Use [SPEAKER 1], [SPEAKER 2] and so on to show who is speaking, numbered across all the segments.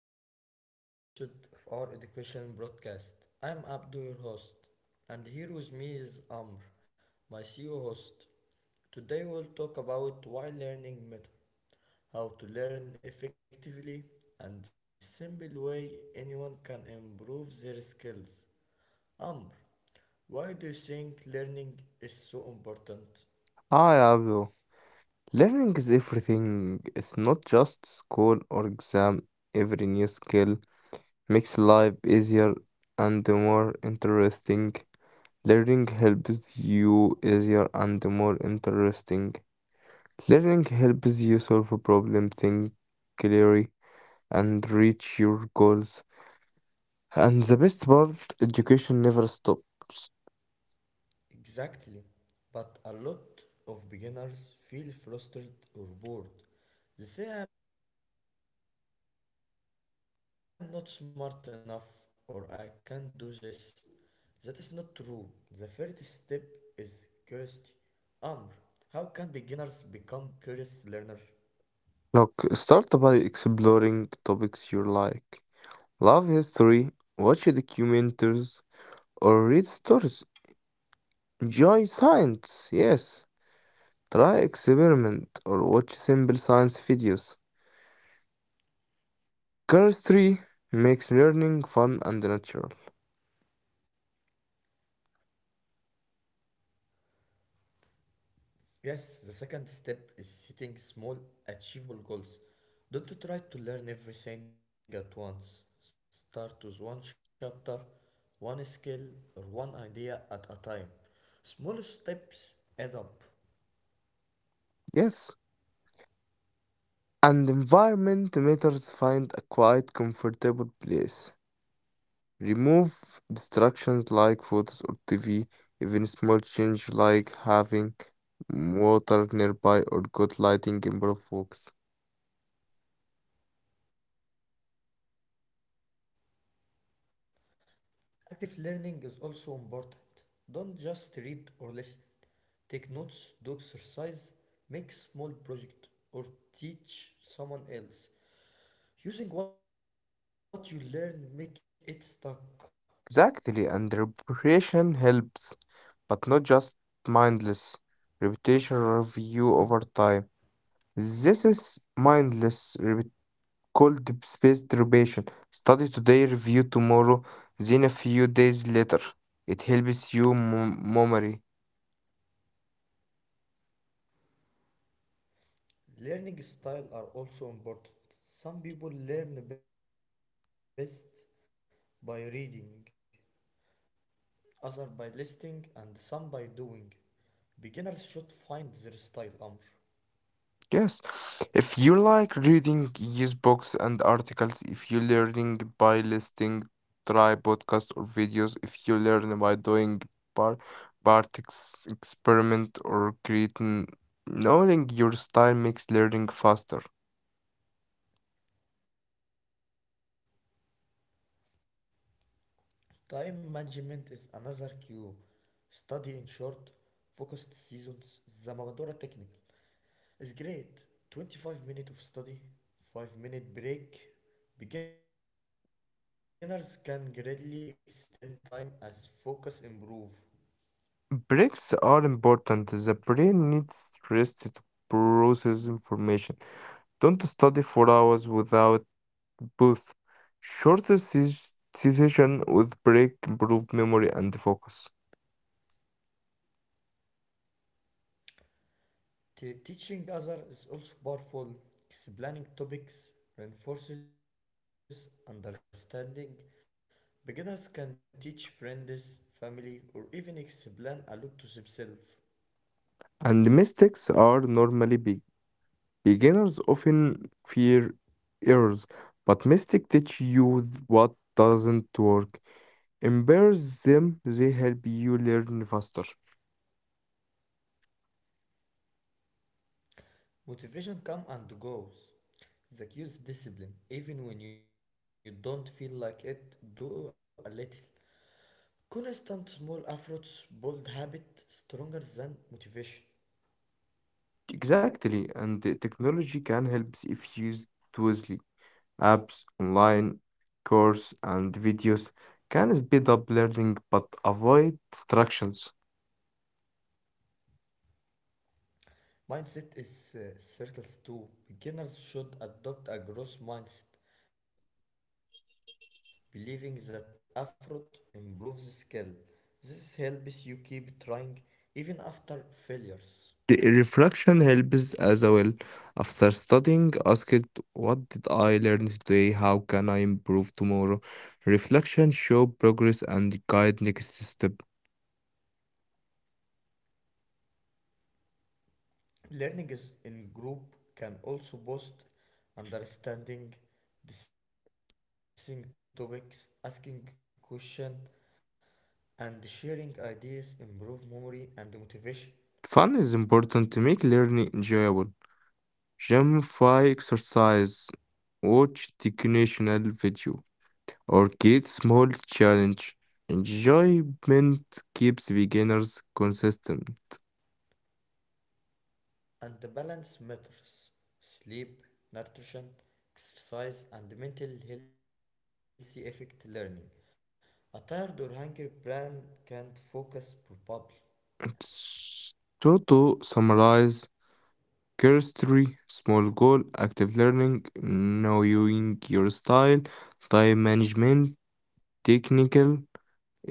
[SPEAKER 1] welcome to the first episode of our education broadcast. I'm Abdu, your host, and here with me is Amr, my CEO host. Today we'll talk about why learning matters, how to learn effectively, and the simple way anyone can improve their skills. Amr, why do you think learning is so important?
[SPEAKER 2] Hi, Abdul. Learning is everything. It's not just school or exam. Every new skill makes life easier and more interesting. Learning helps you easier and more interesting. Learning helps you solve a problem, think clearly, and reach your goals. And the best part, education never stops.
[SPEAKER 1] Exactly. But a lot of beginners feel frustrated or bored. They say I'm not smart enough or I can't do this. That is not true. The first step is curiosity. Amr, how can beginners become curious learner?
[SPEAKER 2] Look, start by exploring topics you like. Love history, watch documentaries, or read stories. Enjoy science, yes. Try experiment or watch simple science videos. Chemistry makes learning fun and natural.
[SPEAKER 1] Yes, the second step is setting small, achievable goals. Don't try to learn everything at once. Start with one chapter, one skill, or one idea at a time. Small steps add up.
[SPEAKER 2] Yes. And environment matters. Find a quiet, comfortable place. Remove distractions like photos or TV. Even small change like having water nearby or good lighting improve focus.
[SPEAKER 1] Active learning is also important. Don't just read or listen. Take notes, do exercise, make small project, or teach someone else. Using what you learn make it stuck.
[SPEAKER 2] Exactly, and reparation helps, but not just mindless repetition review over time. This is mindless repet- Called spaced repetition. Study today, review tomorrow, then a few days later. It helps you memory.
[SPEAKER 1] Learning style are also important. Some people learn best by reading, others by listening, and some by doing. Beginners should find their style, Amr.
[SPEAKER 2] Yes, if you like reading, use books and articles. If you learning by listening, try podcast or videos. If you learn by doing part part ex experiment or creating, knowing your style makes learning faster.
[SPEAKER 1] Time management is another cue. Study in short, focused seasons. The Pomodoro technique is great. 25 minutes of study, 5-minute break. Beginners can greatly extend time as focus improve.
[SPEAKER 2] Breaks are important. The brain needs rest to process information. Don't study for hours without both. Short session with break improve memory and focus.
[SPEAKER 1] Teaching others is also powerful. Explaining topics reinforces understanding. Beginners can teach friends, family, or even explain a lot to themselves.
[SPEAKER 2] And the mistakes are normally big. Beginners often fear errors, but mistakes teach you what doesn't work. Embrace them, they help you learn faster.
[SPEAKER 1] Motivation comes and goes. The key is discipline. Even when you don't feel like it, do a little. Constant small efforts build habit stronger than motivation.
[SPEAKER 2] Exactly, and the technology can help if used wisely. Apps, online course, and videos can speed up learning but avoid distractions.
[SPEAKER 1] Mindset is circles too. Beginners should adopt a growth mindset, believing that effort improves skill. This helps you keep trying even after failures.
[SPEAKER 2] Reflection helps as well. After studying, ask it, what did I learn today? How can I improve tomorrow? Reflection show progress and guide next step.
[SPEAKER 1] Learning is in group can also boost understanding, discussing topics, asking questions, and sharing ideas improve memory and motivation.
[SPEAKER 2] Fun is important to make learning enjoyable. Gamify exercise, watch educational video, or get small challenge. Enjoyment keeps beginners consistent.
[SPEAKER 1] And the balance matters. Sleep, nutrition, exercise, and mental healthy affect learning. A tired or hungry brain can't focus properly.
[SPEAKER 2] So to summarize chemistry, small goal, active learning, knowing your style, time management, technical,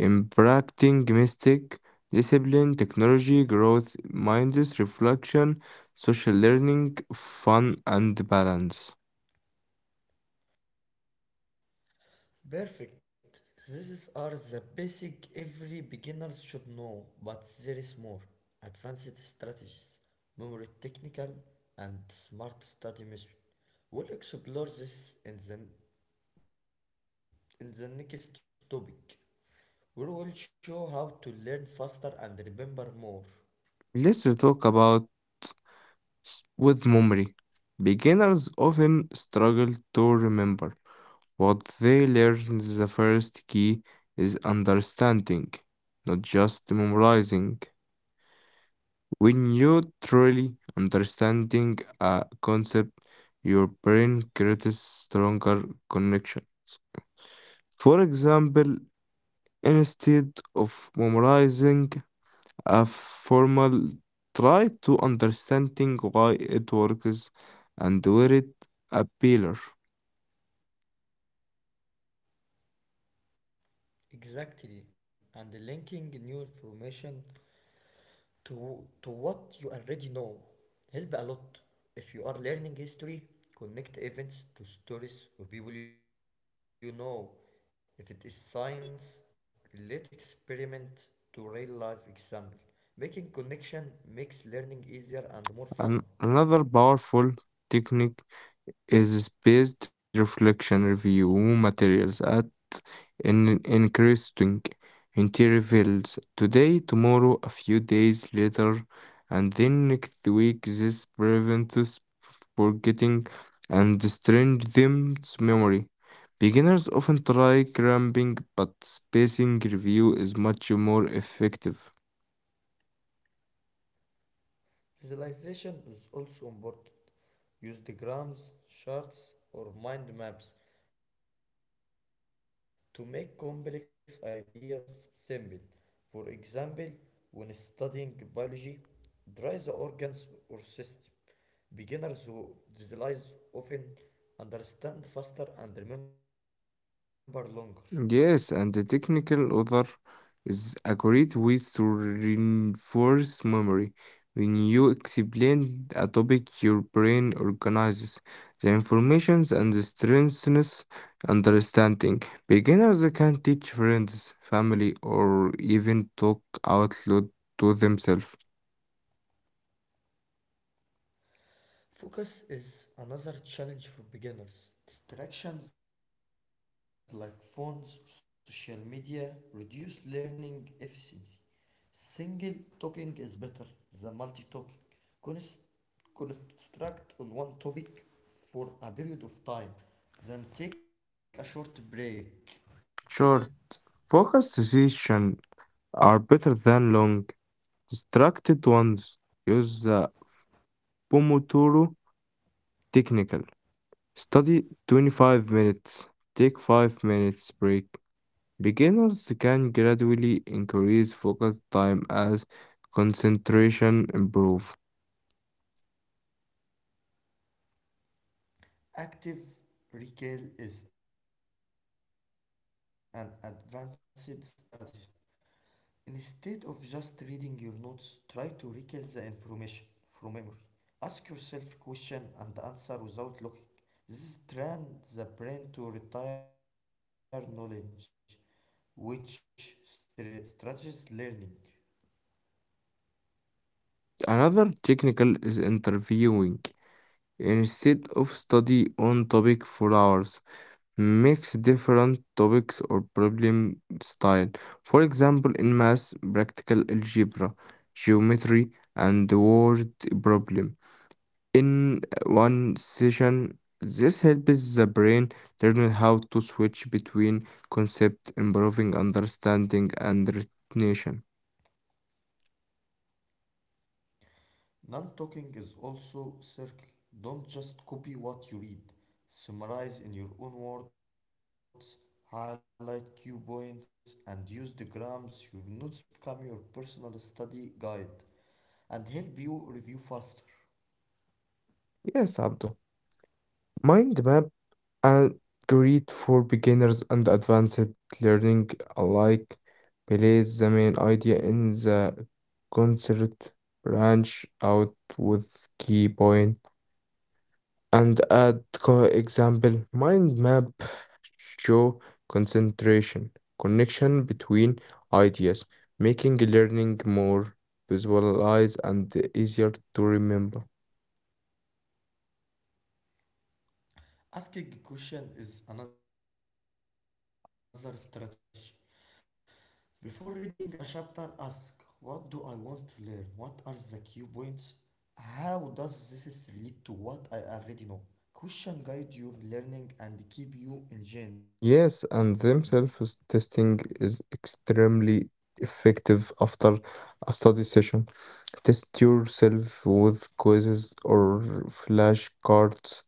[SPEAKER 2] impacting mistake, discipline, technology, growth, minds, reflection, social learning, fun, and balance.
[SPEAKER 1] Perfect. These are the basic every beginners should know, but there is more. Advanced strategies, memory technical, and smart study method. We'll explore this in the next topic, we will show how to learn faster and remember more.
[SPEAKER 2] Let's talk about with memory. Beginners often struggle to remember what they learn is the first key is understanding, not just memorizing. When you truly understanding a concept, your brain creates stronger connections. For example, instead of memorizing a formal, try to understanding why it works and where it appears.
[SPEAKER 1] Exactly, and linking new information to what you already know help a lot. If you are learning history, connect events to stories or people you know. If it is science, relate experiment to real life example. Making connection makes learning easier and more fun.
[SPEAKER 2] Another powerful technique is based reflection review materials at an interesting intervals today, tomorrow, a few days later, and then next week. This prevents us forgetting and strange them's memory. Beginners often try cramming, but spacing review is much more effective.
[SPEAKER 1] Visualization is also important. Use diagrams, charts, or mind maps to make complex ideas simple. For example, when studying biology, draw the organs or system. Beginners who visualize often understand faster and remember longer.
[SPEAKER 2] Yes, and the technical author is a great way to reinforce memory. When you explain a topic, your brain organizes the information and strengthens understanding. Beginners can teach friends, family, or even talk out loud to themselves.
[SPEAKER 1] Focus is another challenge for beginners. Distractions like phones, social media reduce learning efficiency. Single talking is better than multi talking. Construct on one topic for a period of time, then take a short break.
[SPEAKER 2] Short, focused sessions are better than long, distracted ones. Use the Pomodoro technique. Study 25 minutes, take 5 minutes break. Beginners can gradually increase focus time as concentration improve.
[SPEAKER 1] Active recall is an advanced strategy. Instead of just reading your notes, try to recall the information from memory. Ask yourself question and answer without looking. This trains the brain to retire knowledge, which strategies learning.
[SPEAKER 2] Another technical is interviewing. Instead of study on topic for hours, mix different topics or problem style. For example, in math, practical algebra, geometry, and word problem. In one session, this helps the brain learn how to switch between concepts, improving understanding and retention.
[SPEAKER 1] Non-talking is also circle. Don't just copy what you read. Summarize in your own words, highlight key points, and use the grams. Your notes become your personal study guide and help you review faster.
[SPEAKER 2] Yes, Abdul. Mind map are great for beginners and advanced learning alike. Place the main idea in the concert branch out with key points and add example, mind map show concentration, connection between ideas, making learning more visualize and easier to remember.
[SPEAKER 1] Asking a question is another strategy. Before reading a chapter, ask what do I want to learn? What are the key points? How does this relate to what I already know? Question guide your learning and keep you
[SPEAKER 2] Yes,
[SPEAKER 1] engaged.
[SPEAKER 2] and themselves testing is extremely effective after a study session. Test yourself with quizzes or flashcards.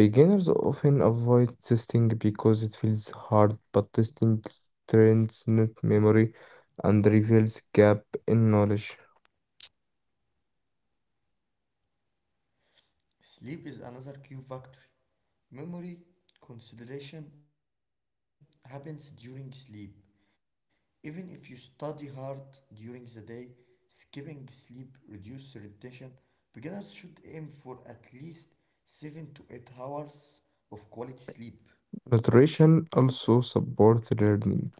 [SPEAKER 2] Beginners often avoid testing because it feels hard, but testing trains not memory and reveals gap in knowledge.
[SPEAKER 1] Sleep is another key factor. Memory consolidation happens during sleep. Even if you study hard during the day, skipping sleep reduces retention. Beginners should aim for at least 7 to 8 hours of quality sleep.
[SPEAKER 2] Nutrition also supports learning.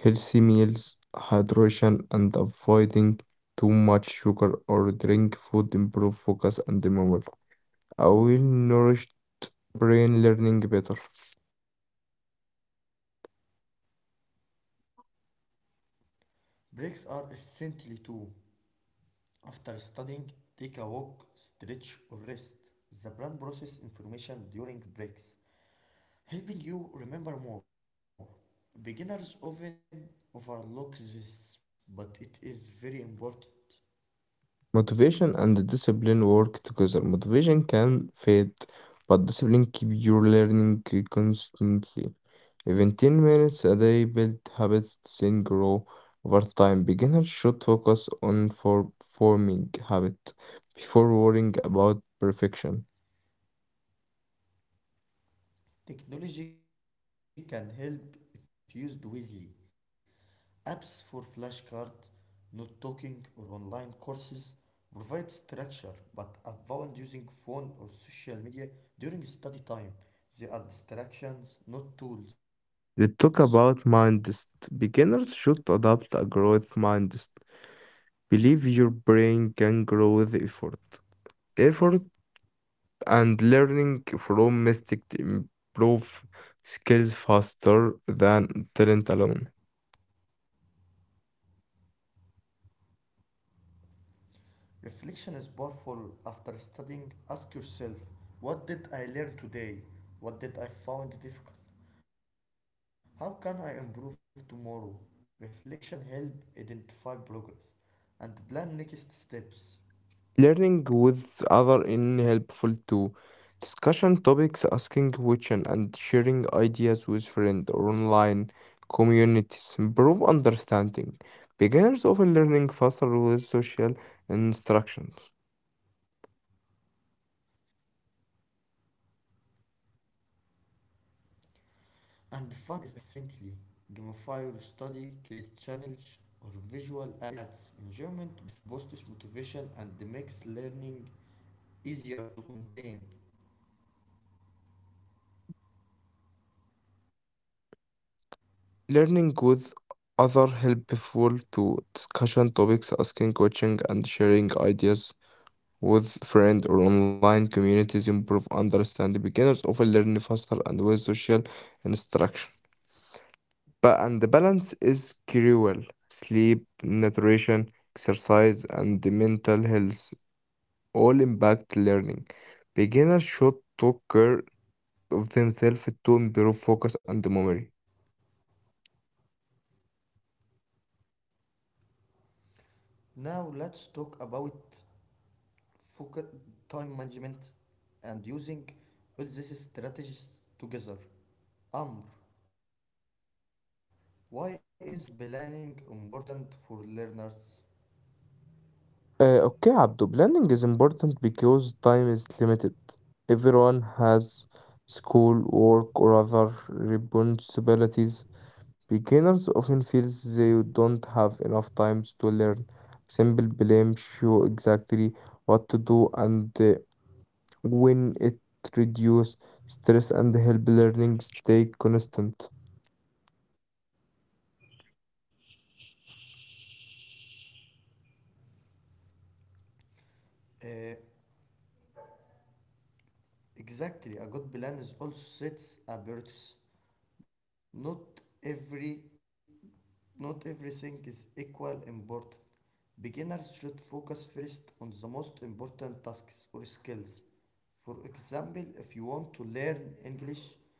[SPEAKER 2] Healthy meals, hydration, and avoiding too much sugar or drink food improve focus and memory. A well-nourished brain learning better.
[SPEAKER 1] Breaks are essential too. After studying, take a walk, stretch, or rest. The brain processes information during breaks, helping you remember more. Beginners often overlook this, but it is very important.
[SPEAKER 2] Motivation and discipline work together. Motivation can fade, but discipline keep your learning constantly. Even 10 minutes a day build habits then grow over time. Beginners should focus on forming habit before worrying about perfection.
[SPEAKER 1] Technology can help if used wisely. Apps for flashcard, note taking, or online courses provide structure, but avoid using phone or social media during study time. They are distractions, not tools.
[SPEAKER 2] Let's talk about mindset. Beginners should adopt a growth mindset. Believe your brain can grow with effort. Effort and learning from mistakes to improve skills faster than talent alone.
[SPEAKER 1] Reflection is powerful. After studying, ask yourself what did I learn today? What did I find difficult? How can I improve tomorrow? Reflection helps identify progress and plan next steps.
[SPEAKER 2] Learning with other in helpful too. Discussion topics, asking questions, and sharing ideas with friends or online communities improve understanding. Beginners often learning faster with social instructions.
[SPEAKER 1] And fun is essentially gamify your study, create challenge or visual ads. Enjoyment boosts motivation and makes learning easier to contain.
[SPEAKER 2] Learning with other helpful to discussion topics, asking questions, and sharing ideas with friend or online communities improve understanding beginners often learn faster and with social instruction but and the balance is crucial sleep nutrition exercise and the mental health all impact learning beginners should take care of themselves to improve focus and memory.
[SPEAKER 1] Now let's talk about focus, time management, and using all these strategies together. Amr, why is planning important for learners?
[SPEAKER 2] Okay Abdu, planning is important because time is limited, everyone has school work or other responsibilities. Beginners often feel they don't have enough time to learn. Simple blame show exactly what to do and when it reduce stress and help learning stay constant.
[SPEAKER 1] Uh, exactly, a good plan is also sets a priorities, not every not everything is equal important. Beginners should focus first on the most important tasks or skills. For example, if you want to learn English,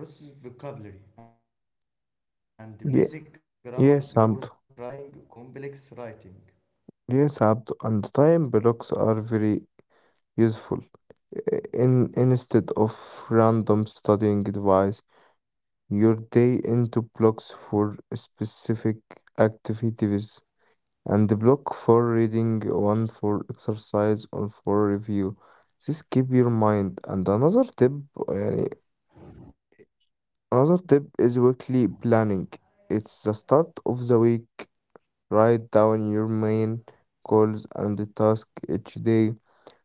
[SPEAKER 1] pre vocabulary and the basic grammar
[SPEAKER 2] Yeah,
[SPEAKER 1] before trying
[SPEAKER 2] yes, Abdu.
[SPEAKER 1] complex writing.
[SPEAKER 2] Yes, Abdu. And time blocks are very useful. I- In instead of random studying advice, your day into blocks for specific activities and the block for reading, one for exercise, one for review. This keep your mind. And another tip, يعني another tip is weekly planning. It's the start of the week. Write down your main goals and the task each day.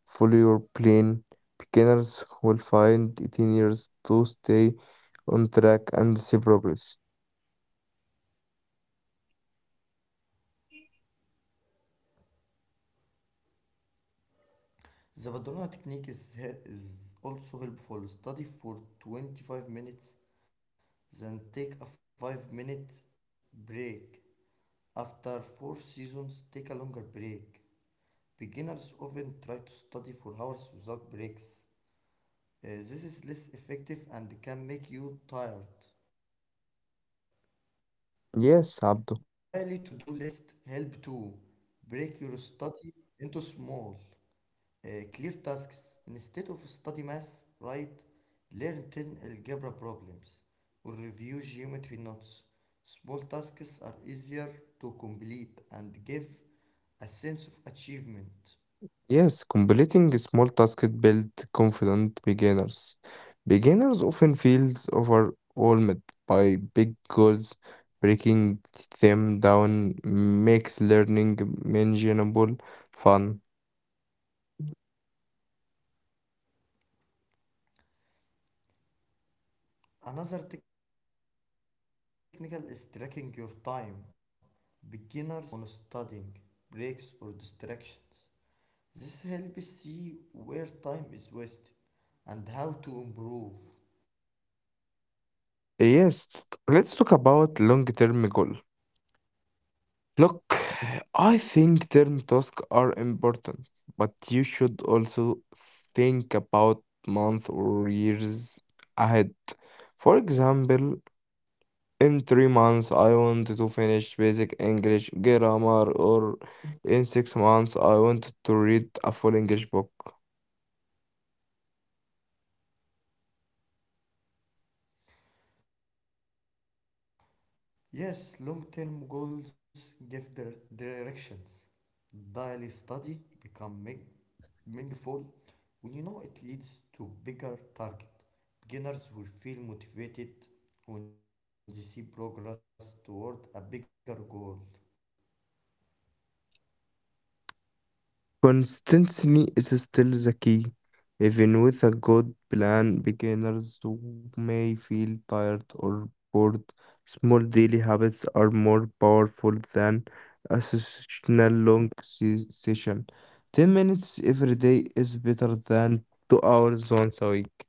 [SPEAKER 2] Follow your plan. Beginners will find it in years to stay on track and see progress.
[SPEAKER 1] The Badalona technique is also helpful. Study for 25 minutes, then take a 5-minute break. After 4 seasons, take a longer break. Beginners often try to study for hours without breaks. This is less effective and can make you tired. Daily to-do
[SPEAKER 2] Yes,
[SPEAKER 1] list
[SPEAKER 2] Abdo.
[SPEAKER 1] help to break your study into small, uh, clear tasks. Instead of study math, write learn 10 algebra problems or review geometry notes. Small tasks are easier to complete and give a sense of achievement.
[SPEAKER 2] Yes, completing small tasks build confident beginners. Beginners often feel overwhelmed by big goals. Breaking them down makes learning manageable fun.
[SPEAKER 1] Another technique is tracking your time. Beginners can write down how much time they spend on studying, breaks, or distractions. This helps see where time is wasted and how to improve.
[SPEAKER 2] Yes, let's talk about long-term goal. Look, I think term tasks are important, but you should also think about months or years ahead. For example, in 3 months, I want to finish basic English grammar, or in 6 months, I want to read a full English book.
[SPEAKER 1] Yes, long term goals give directions. Daily study become meaningful when you know it leads to bigger target. Beginners will feel motivated when they see progress toward a bigger goal.
[SPEAKER 2] Consistency is still the key. Even with a good plan, beginners who may feel tired or bored. Small daily habits are more powerful than a sessional long session. 10 minutes every day is better than 2 hours once a week.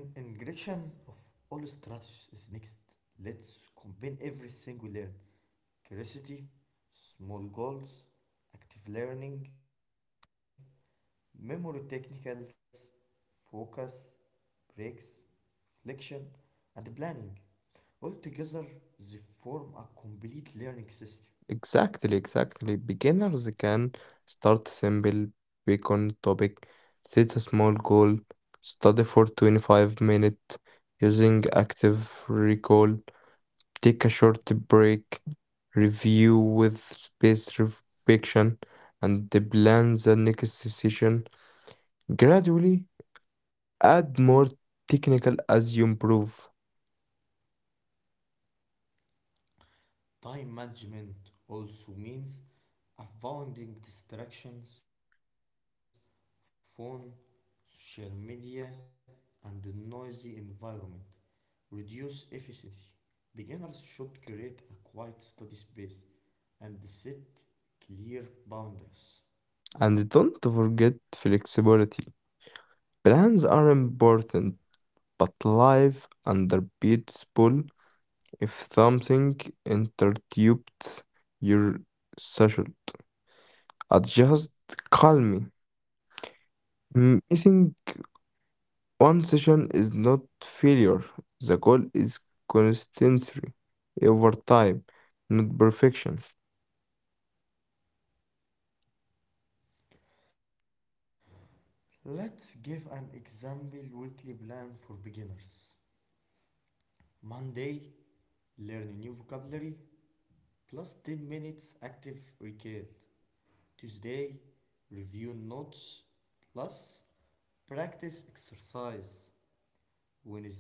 [SPEAKER 1] In integration of all strategies is next. Let's combine everything we learn. Curiosity, small goals, active learning, memory technicals, focus, breaks, reflection, and planning. Altogether, they form a complete learning
[SPEAKER 2] Exactly,
[SPEAKER 1] system.
[SPEAKER 2] exactly. Beginners can start simple, pick on topic, set a small goal, study for 25 minutes using active recall, take a short break, review with space reflection, and the plan the next session. Gradually add more technical as you improve.
[SPEAKER 1] Time management also means avoiding distractions, phone, social media, and the noisy environment. Reduce efficiency. Beginners should create a quiet study space and set clear
[SPEAKER 2] And
[SPEAKER 1] boundaries.
[SPEAKER 2] don't forget flexibility. Plans are important but life under peaceful if something interrupts your session. Adjust calmly. Missing one session is not failure. The goal is consistency over time, not perfection.
[SPEAKER 1] Let's give an example weekly plan for beginners. Monday, learn a new vocabulary plus 10 minutes active recall. Tuesday, review notes plus practice exercise.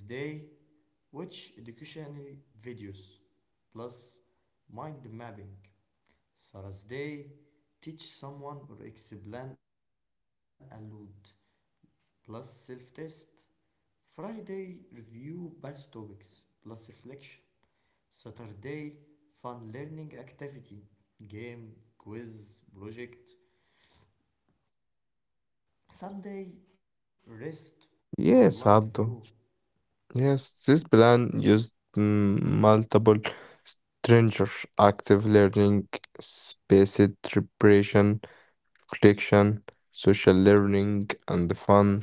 [SPEAKER 1] Wednesday, watch educational videos plus mind mapping. Thursday, teach someone or explain a lot, plus self test. Friday, review past topics plus reflection. Saturday, fun learning activity, game, quiz, project. Sunday, rest or light review.
[SPEAKER 2] Yes, Abdo. Yes, this plan used multiple stranger active learning, spaced preparation, reflection, social learning, and fun.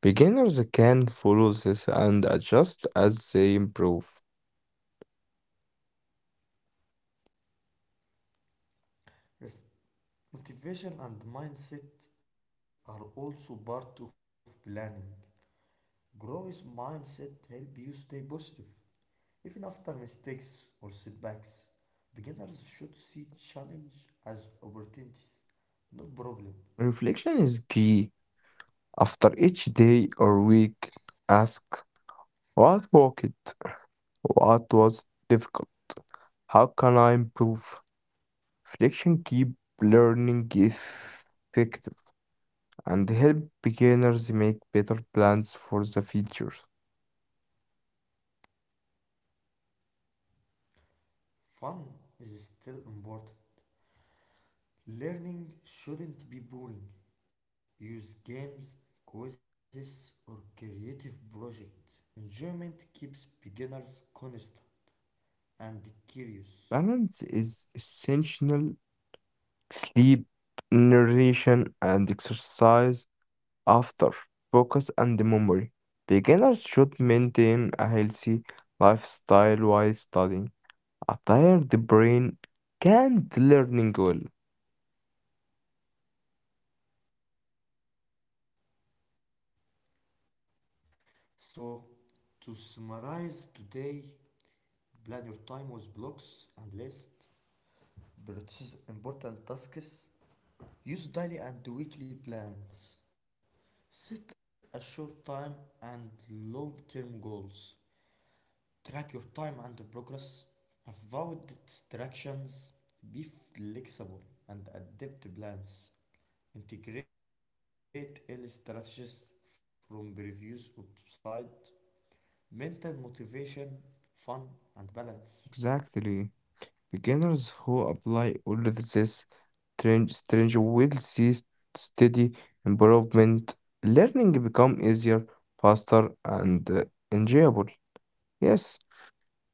[SPEAKER 2] Beginners can follow this and adjust as they improve.
[SPEAKER 1] Motivation and mindset are also part of planning. Growth mindset helps you stay positive even after mistakes or setbacks. Beginners should see challenge as opportunities, not problem.
[SPEAKER 2] Reflection is key. After each day or week, ask what worked, what was difficult, how can I improve? Reflection keep learning effective and help beginners make better plans for the future.
[SPEAKER 1] Fun is still important. Learning shouldn't be boring. Use games, quizzes, or creative projects. Enjoyment keeps beginners constant and curious.
[SPEAKER 2] Balance is essential. Sleep, nutrition, and exercise after focus and memory. Beginners should maintain a healthy lifestyle while studying. A tired brain can't learning well.
[SPEAKER 1] So, to summarize today, plan your time with blocks and lists. Prioritize important tasks. Use daily and weekly plans. Set a short time and long term goals. Track your time and progress. Avoid distractions. Be flexible and adapt plans. Integrate early strategies from previous website. Maintain motivation, fun, and balance.
[SPEAKER 2] Exactly. Beginners who apply all of this strange will see steady improvement. Learning become easier, faster, and enjoyable. Yes.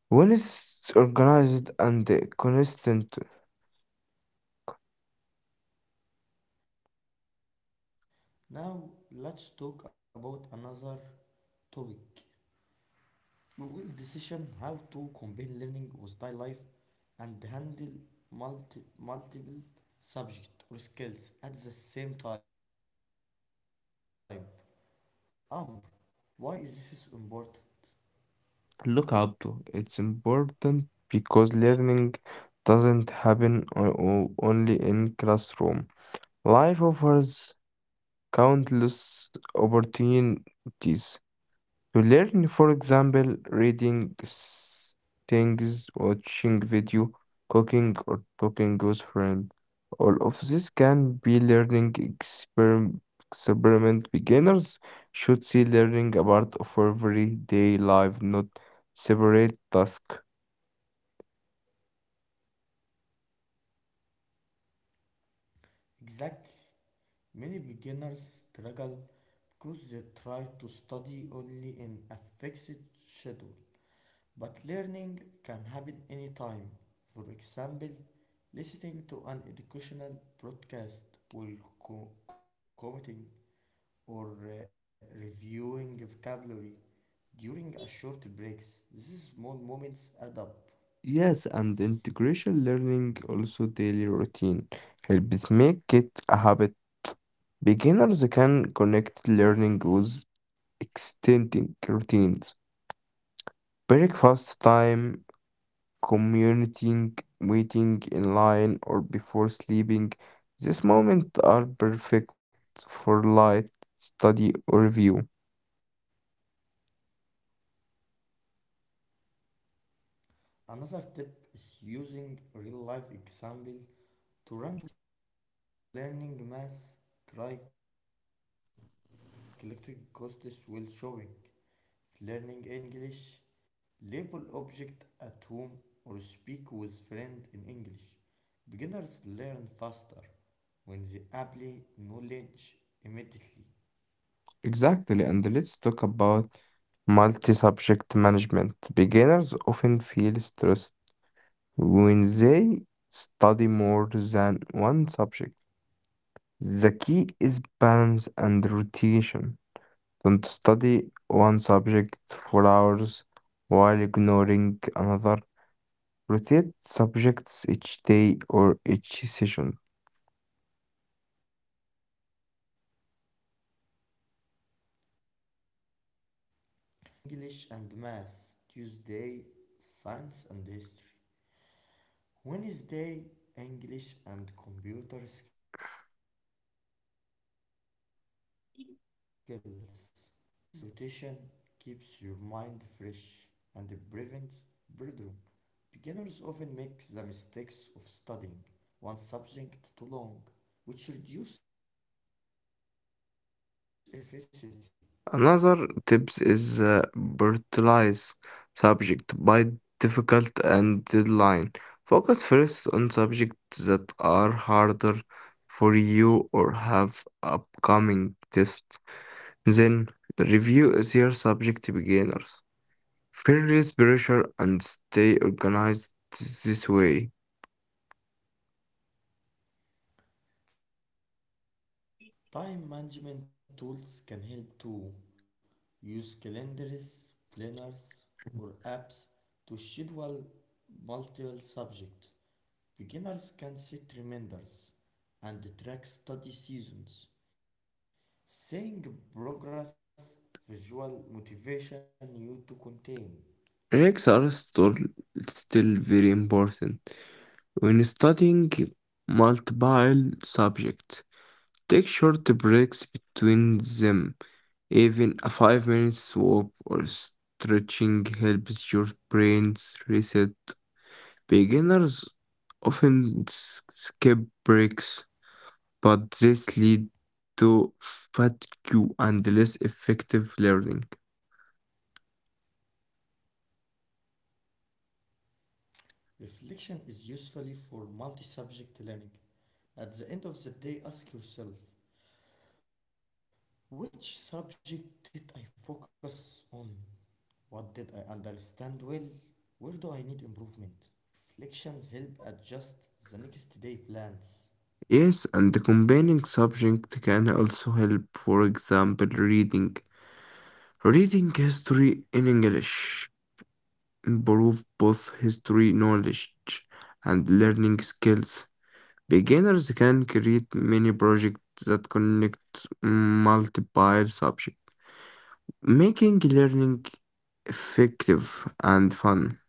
[SPEAKER 2] When it's organized and consistent.
[SPEAKER 1] Now let's talk about another topic. Well, decision how to combine learning with daily life and handle multiple subject or skills at the same time. Um, why is this important?
[SPEAKER 2] Look, Abdu, it's important because learning doesn't happen only in classroom. Life offers countless opportunities to learn, for example, reading things, watching video, cooking, or talking with friends. All of this can be learning experiment. Beginners should see learning a part of everyday life, not separate tasks.
[SPEAKER 1] Exactly. Many beginners struggle because they try to study only in a fixed schedule. But learning can happen anytime. For example, listening to an educational broadcast while commuting or reviewing vocabulary during a short breaks. These small moments add up.
[SPEAKER 2] Yes, and integration learning also daily routine helps make it a habit. Beginners can connect learning with extending routines. Breakfast time, commuting, waiting in line, or before sleeping. These moments are perfect for light, study, or review.
[SPEAKER 1] Another tip is using real life example to reinforce knowledge. If you are learning math, try collecting costs while showing. If learning English, label object at home or speak with friend in English. Beginners learn faster when they apply knowledge immediately.
[SPEAKER 2] Exactly, and let's talk about multi-subject management. Beginners often feel stressed when they study more than one subject. The key is balance and rotation. Don't study one subject for hours while ignoring another. Rotate subjects each day or each session.
[SPEAKER 1] Yes, for example, Monday, English and math. Tuesday, science and history. Wednesday, English and computer skills. This is rotation keeps your mind fresh and prevents boredom. Beginners often make the mistakes of studying one subject too long, which reduces efficiency.
[SPEAKER 2] Another tips is prioritize subject by difficult and deadline. Focus first on subjects that are harder for you or have upcoming tests. Then review easier subject beginners. Feel less pressure and stay organized this way.
[SPEAKER 1] Time management tools can help too. Use calendars, planners, or apps to schedule multiple subjects. Beginners can set reminders and track study seasons. Seeing progress visual motivation you to contain.
[SPEAKER 2] Breaks are still very important. When studying multiple subjects, take short breaks between them. Even a 5 minutes walk or stretching helps your brains reset. Beginners often skip breaks, but this leads to fatigue and less effective learning.
[SPEAKER 1] Reflection is usefully for multi-subject learning. At the end of the day, ask yourself, which subject did I focus on? What did I understand well? Where do I need improvement? Reflections help adjust the next day plans.
[SPEAKER 2] Yes, and the combining subject can also help, for example, reading. Reading history in English improve both history knowledge and learning skills. Beginners can create many projects that connect multiple subjects, making learning effective and fun.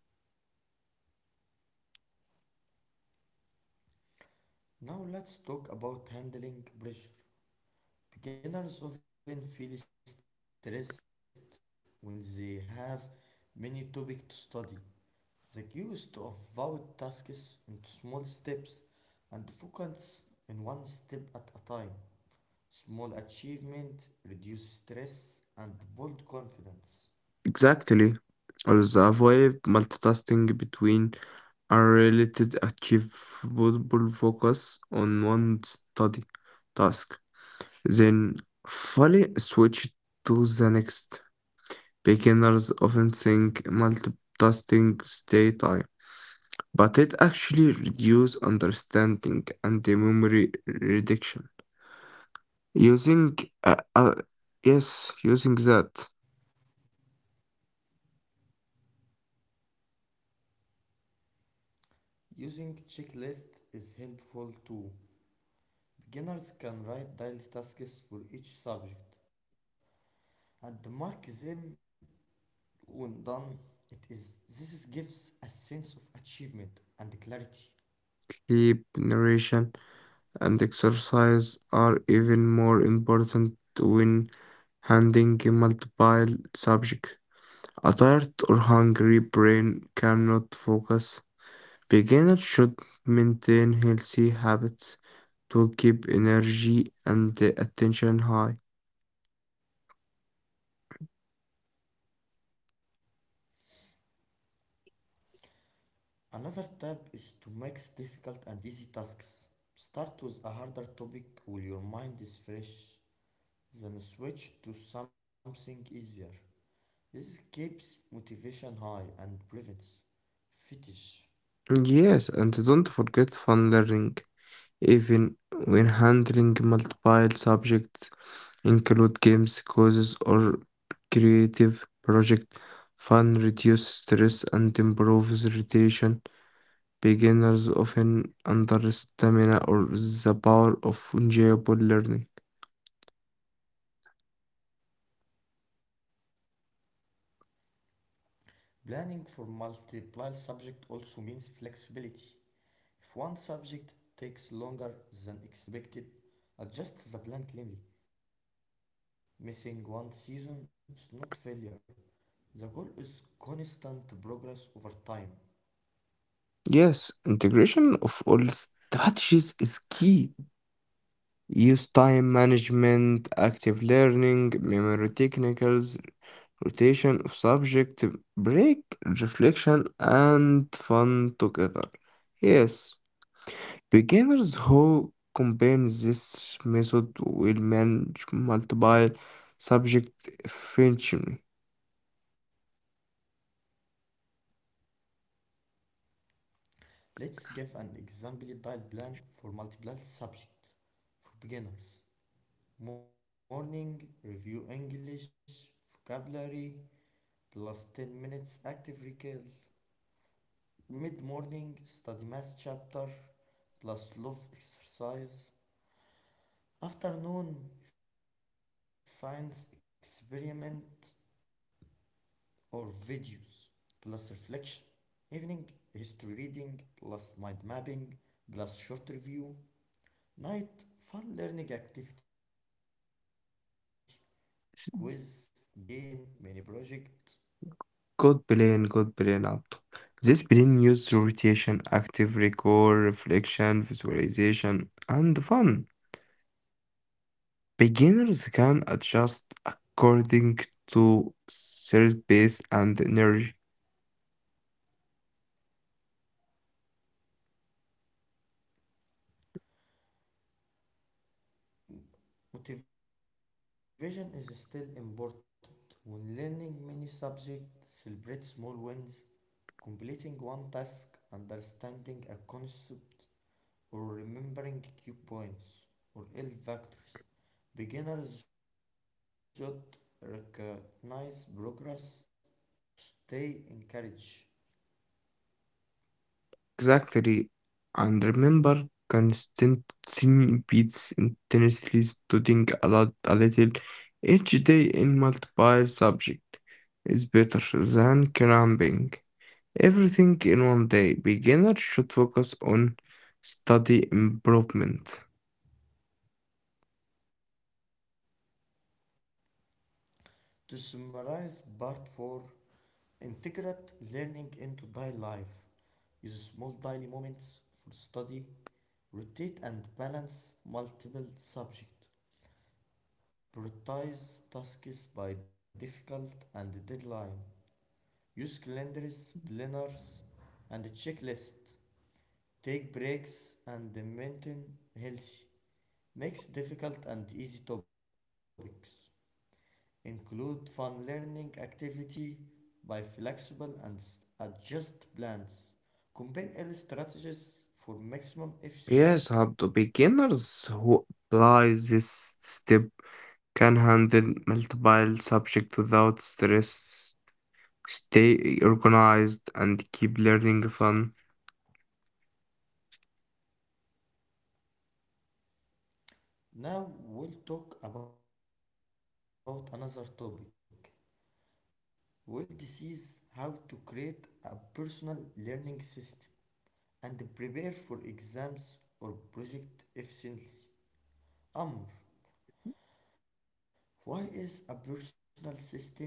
[SPEAKER 1] Now let's talk about handling pressure. Beginners often feel stressed when they have many topics to study. The key is to avoid tasks into small steps and focus on one step at a time. Small achievement reduce stress and build confidence.
[SPEAKER 2] Exactly. Also avoid multitasking between unrelated achievable focus on one study task, then fully switch to the next. Beginners often think multitasking stay time, but it actually reduces understanding and the memory reduction. Using uh, uh, yes, using that
[SPEAKER 1] Using checklist is helpful too. Beginners can write daily tasks for each subject and mark them when done. It is this gives a sense of achievement and clarity.
[SPEAKER 2] sleep narration and exercise are even more important when handling multiple subjects. A tired or hungry brain cannot focus. Beginners should maintain healthy habits to keep energy and attention high.
[SPEAKER 1] Another tip is to mix difficult and easy tasks. Start with a harder topic while your mind is fresh, then switch to something easier. This keeps motivation high and prevents fatigue.
[SPEAKER 2] Yes, and don't forget fun learning, even when handling multiple subjects include games, quizzes, or creative project. Fun reduces stress and improves retention. Beginners often underestimate or the power of enjoyable learning.
[SPEAKER 1] Planning for multiple subjects also means flexibility. If one subject takes longer than expected, adjust the plan calmly. Missing one season is not failure. The goal is constant progress over time.
[SPEAKER 2] Yes, integration of all strategies is key. Use time management, active learning, memory technicals, rotation of subject, break, reflection, and fun together. Yes, beginners who combine this method will manage multiple subject efficiently.
[SPEAKER 1] Let's give an example dial plan for multiple subjects. For beginners, morning review English vocabulary plus 10 minutes active recall, mid morning study math chapter plus love exercise, afternoon science experiment or videos plus reflection, evening history reading plus mind mapping plus short review, night fun learning activity, quiz, game, mini project.
[SPEAKER 2] Good plan, Abdu. This plan uses rotation, active recall, reflection, visualization, and fun. Beginners can adjust according to service and energy.
[SPEAKER 1] Motivation is still important when learning many subjects. Celebrate small wins. Completing one task, understanding a concept, or remembering key points or L factors. Beginners should recognize progress to stay encouraged.
[SPEAKER 2] Exactly. And remember, consistency beats intensely studying a lot, a little each day in multiple subject is better than cramming everything in one day. Beginners should focus on study improvement.
[SPEAKER 1] To summarize part 4, integrate learning into daily life. Use small daily moments for study. Rotate and balance multiple subjects. Prioritize tasks by difficult and deadline. Use calendars, planners, and checklists. Take breaks and maintain healthy. Mix difficult and easy topics. Include fun learning activity by flexible and adjust plans. Combine early strategies for maximum efficiency.
[SPEAKER 2] Yes, Abdu, beginners who apply this step can handle multiple subjects without stress, stay organized, and keep learning fun.
[SPEAKER 1] Now we'll talk about another topic. Well, this is how to create a personal learning system and prepare for exams or project efficiently. Amr, why is a personal system important?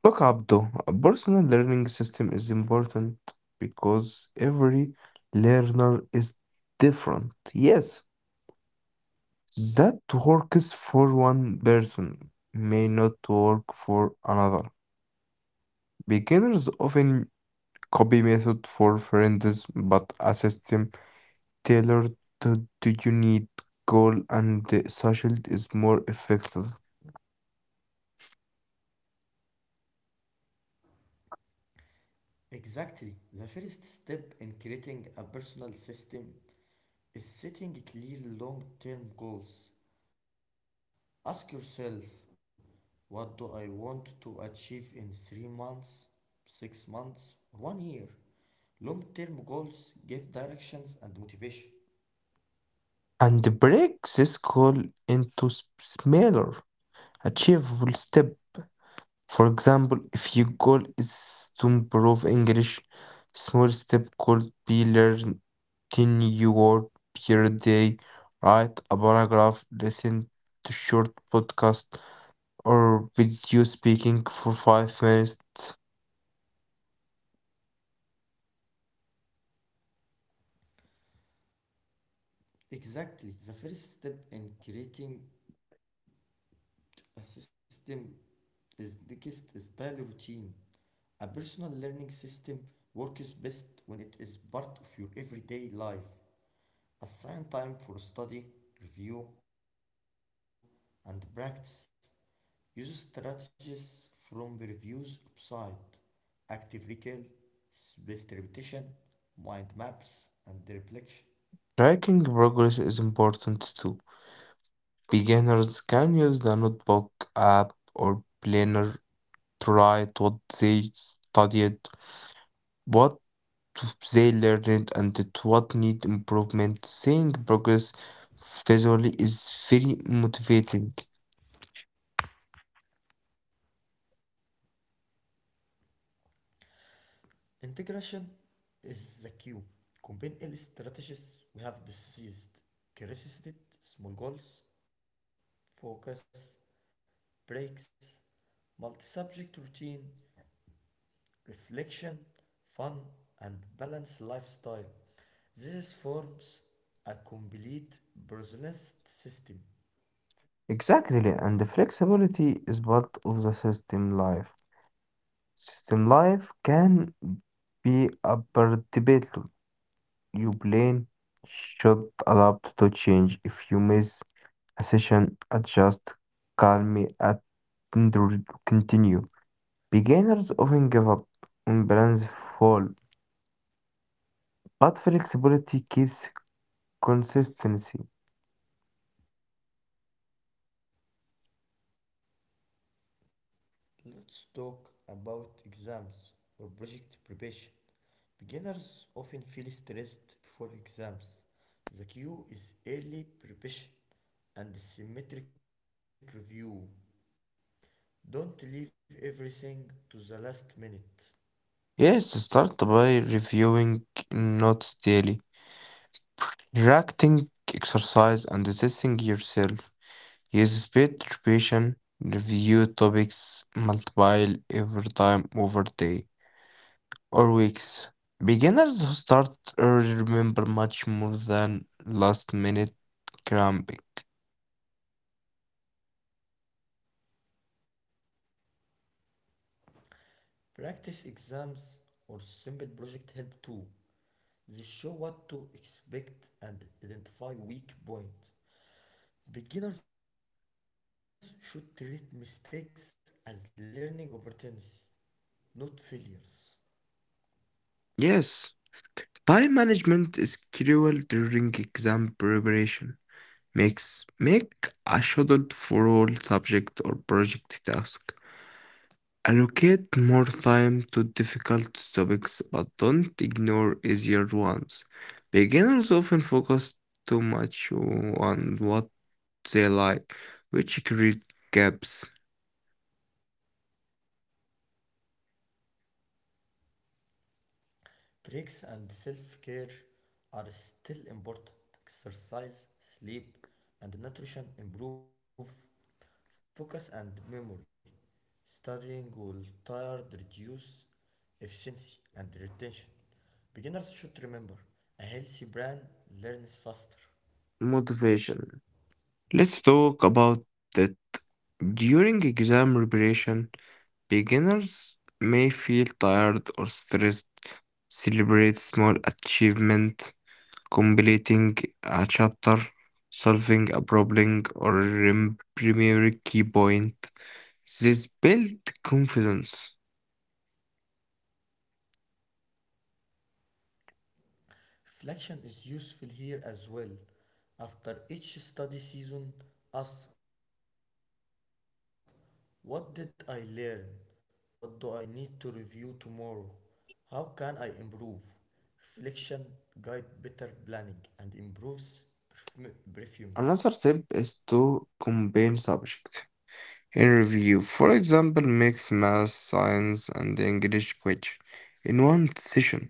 [SPEAKER 2] Look, Abdo, a personal learning system is important because every learner is different. Yes, that works for one person may not work for another. Beginners often copy method for friends, but a system tailor the "Do You Need" goal and the "Sachelt" is more effective,
[SPEAKER 1] Exactly. The first step in creating a personal system is setting clear long term goals. Ask yourself, what do I want to achieve in 3 months, 6 months, or 1 year? Long term goals give directions and motivation.
[SPEAKER 2] and break this goal into smaller, achievable step. For example, if your goal is to improve English, small step could be learn 10 new words per day, write a paragraph, listen to short podcast or video speaking for 5 minutes.
[SPEAKER 1] Exactly. The first step in creating a system is, next is daily routine. A personal learning system works best when it is part of your everyday life. Assign time for study, review, and practice. Use strategies from the reviews website, active recall, spaced repetition, mind maps, and reflection.
[SPEAKER 2] Tracking progress is important too. Beginners can use the notebook app or planner to write what they studied, what they learned, and what need improvement. Seeing progress visually is very motivating.
[SPEAKER 1] Integration is the cue. Combine early strategies we have discussed. Curiosity, small goals, focus, breaks, multi-subject routine, reflection, fun, and balanced lifestyle. This forms a complete personalist system.
[SPEAKER 2] Exactly, and the flexibility is part of the system life. System life can be a predictable. You plan should adapt to change if you miss a session, adjust, calm, me at and continue. Beginners often give up when plans fall, but flexibility keeps consistency.
[SPEAKER 1] Let's talk about exams or project preparation. Beginners often feel stressed before exams. The cue is early preparation and symmetric review. Don't leave everything to the last minute.
[SPEAKER 2] Yes, start by reviewing notes daily, reacting exercise, and testing yourself. Use speed repetition, review topics multiple every time over day or weeks. Beginners who start early remember much more than last minute cramping.
[SPEAKER 1] Practice exams or simple project help too. They show what to expect and identify weak points. Beginners should treat mistakes as learning opportunities, not failures.
[SPEAKER 2] Yes, time management is crucial during exam preparation. Make a schedule for all subject or project task. Allocate more time to difficult topics, but don't ignore easier ones. Beginners often focus too much on what they like, which create gaps.
[SPEAKER 1] Breaks and self care are still important. Exercise, sleep, and nutrition improve focus and memory. Studying will tire, reduce efficiency, and retention. Beginners should remember a healthy brain learns faster.
[SPEAKER 2] Motivation. Let's talk about that. During exam preparation, beginners may feel tired or stressed. Celebrate small achievement, completing a chapter, solving a problem, or remembering key point. This build confidence.
[SPEAKER 1] Reflection is useful here as well. After each study season, ask, what did I learn? What do I need to review tomorrow? How can I improve? Reflection guides better planning and improves performance.
[SPEAKER 2] Another tip is to combine subjects. In review, for example, mix math, science, and English quiz in one session.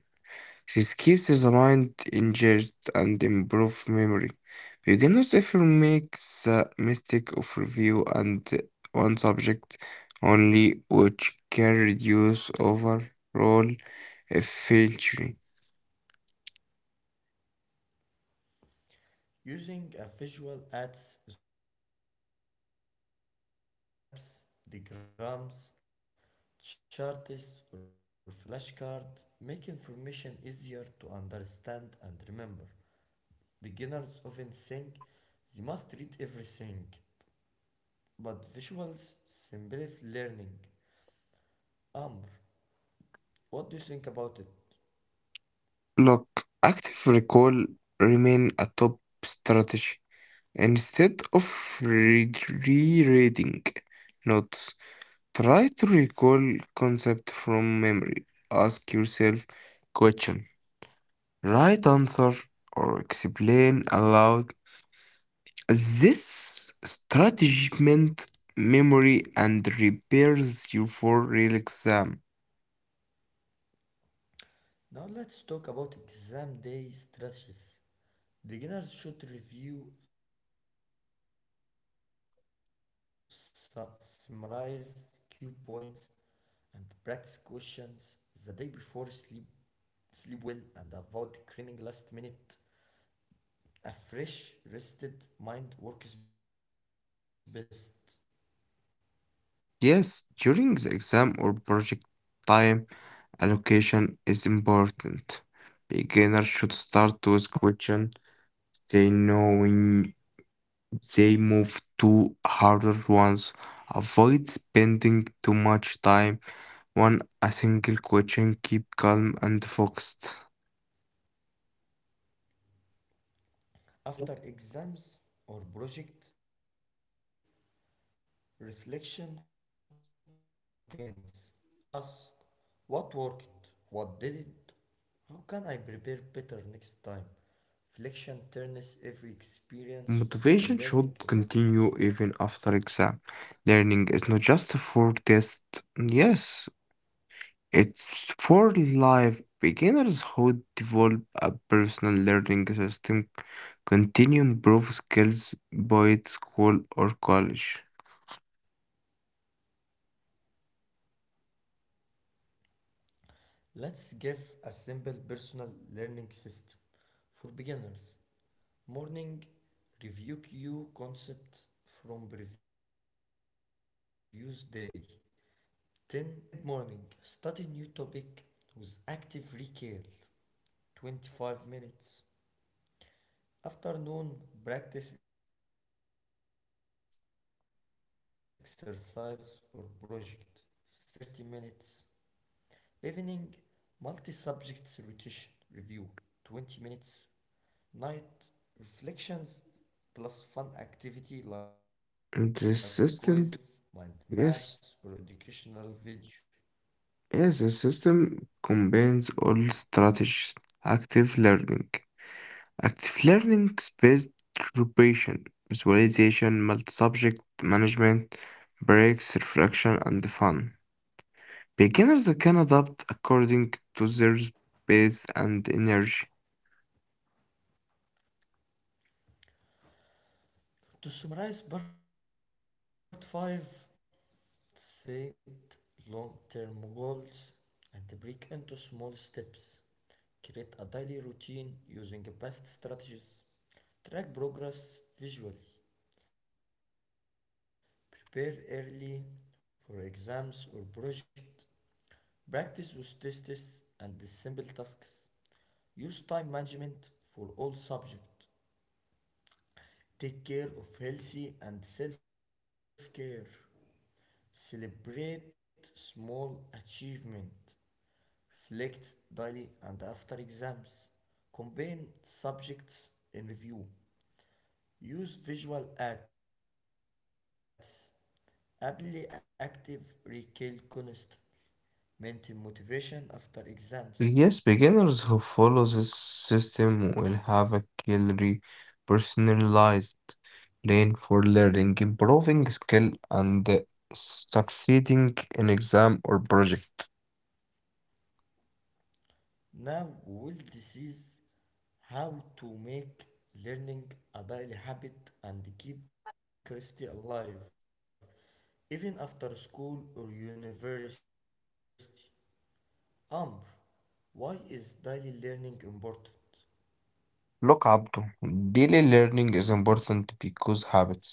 [SPEAKER 2] This keeps the mind engaged and improves memory. Beginners often make the mistake of review and one subject only, which can reduce overall efficiency.
[SPEAKER 1] Using a visual ads is also very effective. Mind maps, diagrams, charts, or flashcards make information easier to understand and remember. Beginners often think they must read everything, but visuals simplify learning. Amr, what do you think about it?
[SPEAKER 2] Look, active recall remain a top strategy. Instead of re- rereading notes, try to recall concept from memory. Ask yourself question, right answer, or explain aloud. This strategy meant memory and repairs you for real exam.
[SPEAKER 1] Now let's talk about exam day strategies. Beginners should review, su- summarize key points, and practice questions the day before sleep. Sleep well and avoid cramming last minute. A fresh, rested mind works best.
[SPEAKER 2] Yes, during the exam or project, time allocation is important. Beginners should start with questions they know when they move to harder ones. Avoid spending too much time on a single question. Keep calm and focused.
[SPEAKER 1] After exams or project, reflection contains, ask what worked, what didn't, how can I prepare better next time? Reflection turns every experience into a learning opportunity.
[SPEAKER 2] Motivation should continue even after exam. Learning is not just for test. Yes, it's for live beginners who develop a personal learning system, continue improve skills by at school or college.
[SPEAKER 1] Let's give a simple personal learning system for beginners. Morning review queue concept from previous day, 10 to 50 minutes. Mid morning study new topic with active recall, 25 minutes. Afternoon practice exercise or project, 30 minutes. Evening multi subjects rotation review, 20 minutes. Night reflections plus fun activity like quiz, mind maps, or
[SPEAKER 2] And
[SPEAKER 1] educational
[SPEAKER 2] this
[SPEAKER 1] video.
[SPEAKER 2] system, yes, yes, the system combines all strategies. Active learning. Active learning based preparation, visualization, multi-subject management, breaks, reflection, and fun. Beginners can adapt according to their pace and energy.
[SPEAKER 1] To summarize part 5, set long term goals and break into small steps. Create a daily routine using best strategies. Track progress visually. Prepare early for exams or projects. Practice with tests and simple tasks. Use time management for all subjects. Take care of healthy and self-care. Celebrate small achievement. Reflect daily and after exams. Combine subjects in review. Use visual aids. Apply active recall constantly. Maintain motivation after exams.
[SPEAKER 2] Yes, beginners who follow this system will have a clearly personalized plan for learning, improving skill, and succeeding in exam or project.
[SPEAKER 1] Now we'll discuss how to make learning a daily habit and keep curiosity alive even after school or university. Amr, why is daily learning important?
[SPEAKER 2] Look, Abdu, daily learning is important because habits.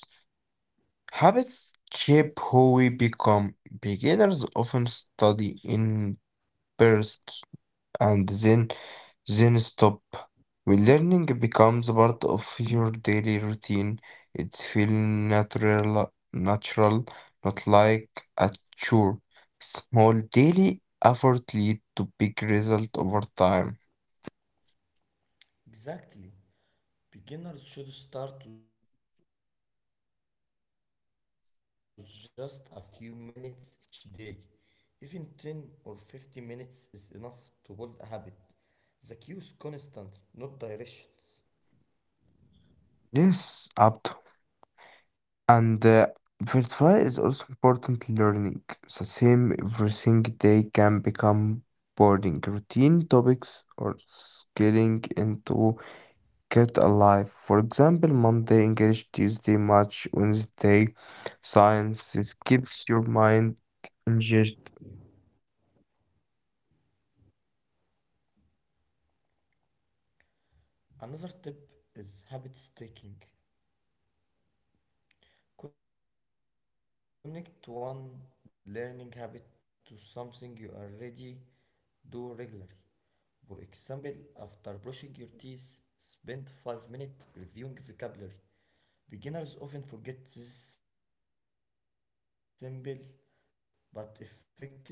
[SPEAKER 2] Habits shape who we become. Beginners often study in bursts and then stop. When learning becomes part of your daily routine, it feels natural, not like a chore. Small daily effort lead to big result over time.
[SPEAKER 1] Exactly. Beginners should start with just a few minutes each day. Even 10 or 50 minutes is enough to build a habit. The key is constant, not directions.
[SPEAKER 2] Yes, Abdo. And verify is also important learning. The same everything day can become boring. Routine topics or scaling into kept alive. For example, Monday English, Tuesday Match, Wednesday Science. This keeps your mind engaged.
[SPEAKER 1] Another tip is habit staking. Connect one learning habit to something you already do regularly. For example, after brushing your teeth, spend 5 minutes reviewing vocabulary. Beginners often forget these simple but effective strategies.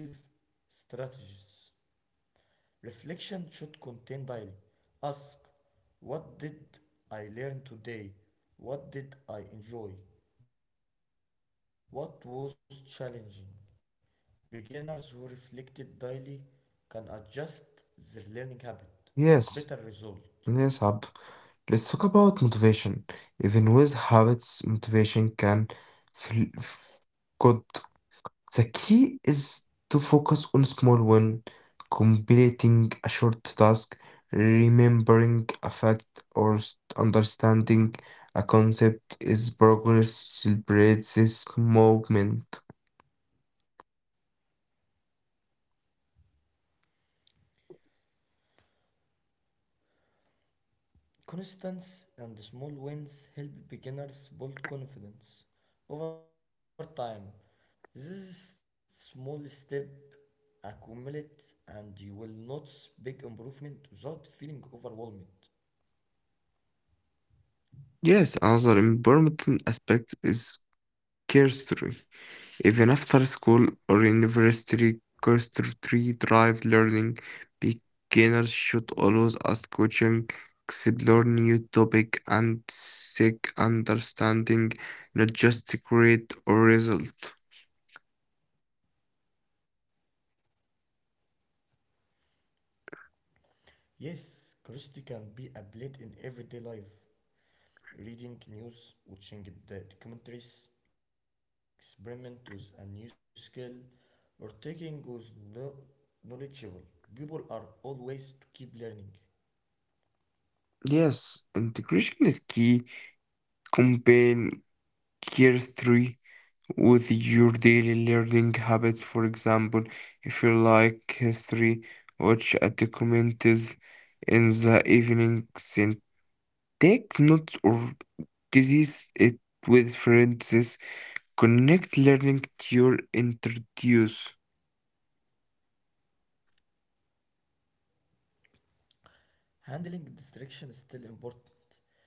[SPEAKER 1] Reflection should contain daily. Ask, what did I learn today? What did I enjoy? What was challenging? Beginners who reflected daily can adjust their learning habit for better result.
[SPEAKER 2] Yes, yes, Abd. Let's talk about motivation. Even with habits, motivation can feel good. The key is to focus on small win, completing a short task, remembering a fact or understanding a concept is progress celebrates this moment.
[SPEAKER 1] Constance and small wins help beginners build confidence over time. This small step accumulate and you will notice big improvement without feeling overwhelmed.
[SPEAKER 2] Yes, another important aspect is cursory. Even after school or university, curiosity drives learning. Beginners should always ask questions, explore new topics, and seek understanding, not just grade or result.
[SPEAKER 1] Yes, curiosity can be applied in everyday life. Reading news, watching the documentaries, experiment with a new skill, or taking with no knowledgeable. People are always to keep learning.
[SPEAKER 2] Yes, integration is key. Combine curiosity with your daily learning habits. For example, if you like history, watch a documentary in the evening, take notes of disease it with references. Connect learning to your introduce.
[SPEAKER 1] Handling distraction is still important.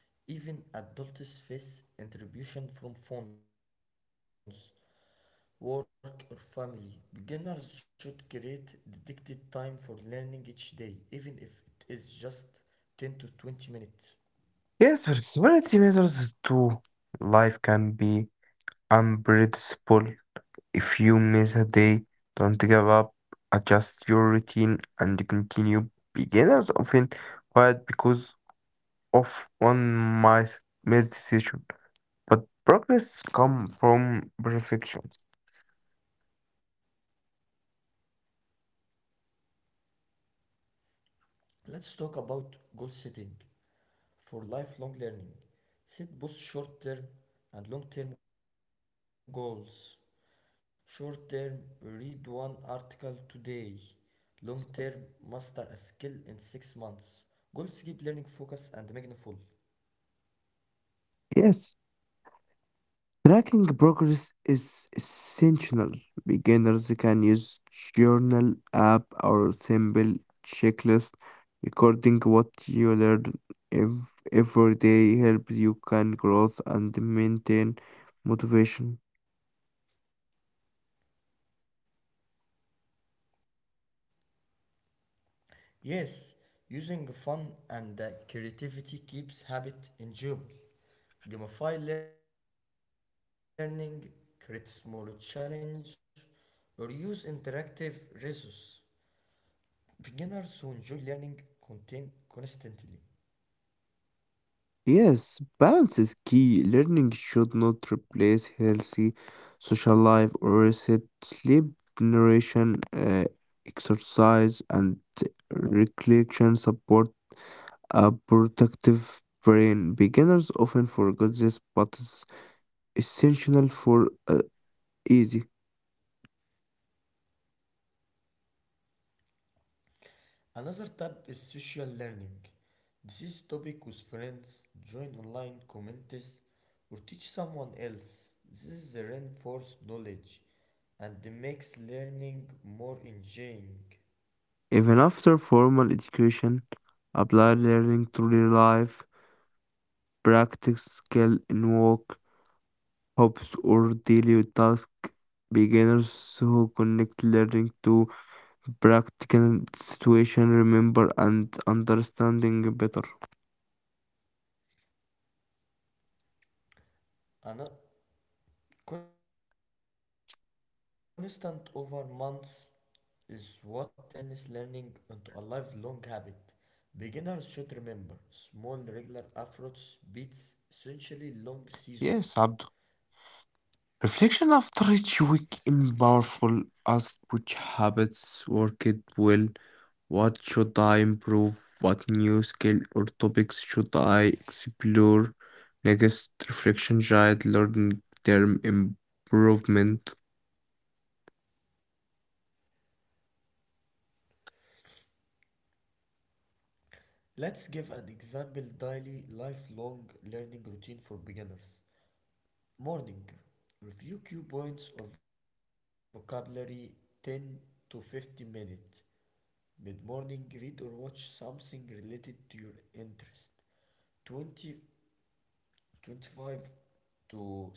[SPEAKER 1] Even adults face interruption from phones, work, or family. Beginners should create dedicated time for learning each day, even if it is just 10 to 20 minutes.
[SPEAKER 2] Yes, flexibility matters too. Life can be unpredictable. If you miss a day, don't give up. Adjust your routine and continue. Beginners often quiet because of one missed decision, but progress comes from perfection.
[SPEAKER 1] Let's talk about goal setting for lifelong learning. Set both short term and long term goals. Short term, read one article today. Long term, master a skill in 6 months. Goals keep learning focused and meaningful.
[SPEAKER 2] Yes. Tracking progress is essential. Beginners can use journal app or simple checklist. Recording what you learn every day helps you can growth and maintain motivation.
[SPEAKER 1] Yes, using fun and creativity keeps habit enjoyable. Gamify learning, create small challenge, or use interactive resources. Beginners who enjoy learning contain constantly.
[SPEAKER 2] Yes, balance is key. Learning should not replace healthy social life or reset sleep, nutrition, exercise, and recollection support a protective brain. Beginners often forget this, but it's essential for easy.
[SPEAKER 1] Another tab is social learning. This is topic with friends, join online communities, or teach someone else. This is the reinforced knowledge and makes learning more
[SPEAKER 2] Even
[SPEAKER 1] enjoying.
[SPEAKER 2] after formal education, applied learning to real life, practice skill in work, hobbies, or daily tasks. Beginners who connect learning to practical situation remember and understanding better.
[SPEAKER 1] Another constant over months is what turns learning into a lifelong habit. Beginners should remember small regular efforts beats essentially long
[SPEAKER 2] Yes,
[SPEAKER 1] seasons.
[SPEAKER 2] Abd. Reflection after each week in powerful ask which habits worked well, what should I improve, what new skill or topics should I explore. Next, reflection guide learning term improvement.
[SPEAKER 1] Let's give an example daily lifelong learning routine for beginners. Morning review cue points or vocabulary, 10 to 50 minutes. Mid morning read or watch something related to your interest, 20 25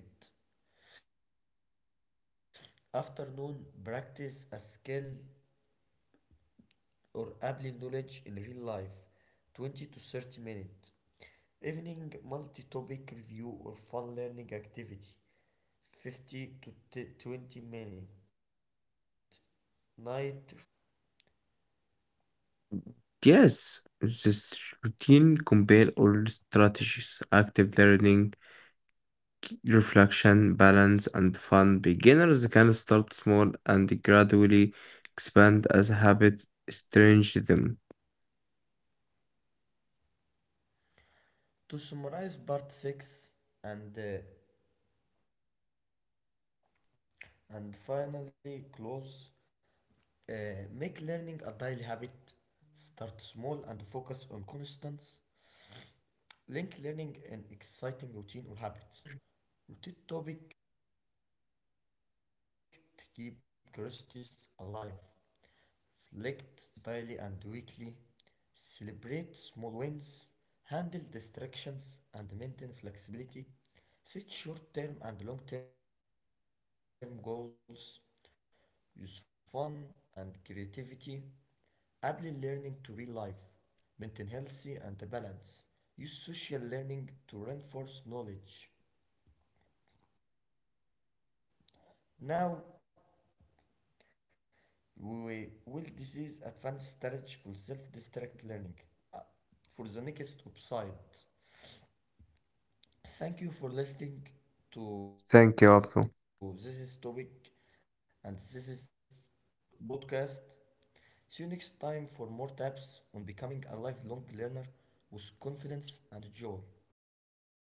[SPEAKER 1] to 30 minutes. Afternoon, practice a skill or apply knowledge in real life, 20 to 30 minutes. Evening, multi topic review or fun learning activity, 50 to 20 minutes. Night, reflection and journaling, 5 to 10
[SPEAKER 2] Yes,
[SPEAKER 1] minutes.
[SPEAKER 2] this routine combine all strategies, active learning, reflection, balance, and fun. Beginners can start small and gradually expand as habits estrange them.
[SPEAKER 1] To summarize part 6 and, uh, and finally close. Make learning a daily habit. Start small and focus on constants. Link learning in exciting routine or habit. Rotate topic to keep curiosities alive. Reflect daily and weekly. Celebrate small wins. Handle distractions and maintain flexibility. Set short term and long term goals. Use fun and creativity. Apply learning to real life, maintain healthy and the balance. Use social learning to reinforce knowledge. Now we will this is advanced strategy for self-distract learning. For the next upside. Thank you
[SPEAKER 2] Thank you,
[SPEAKER 1] for
[SPEAKER 2] Abdul.
[SPEAKER 1] listening to this topic and this is podcast. See you next time for more tips on becoming a lifelong learner with confidence and joy.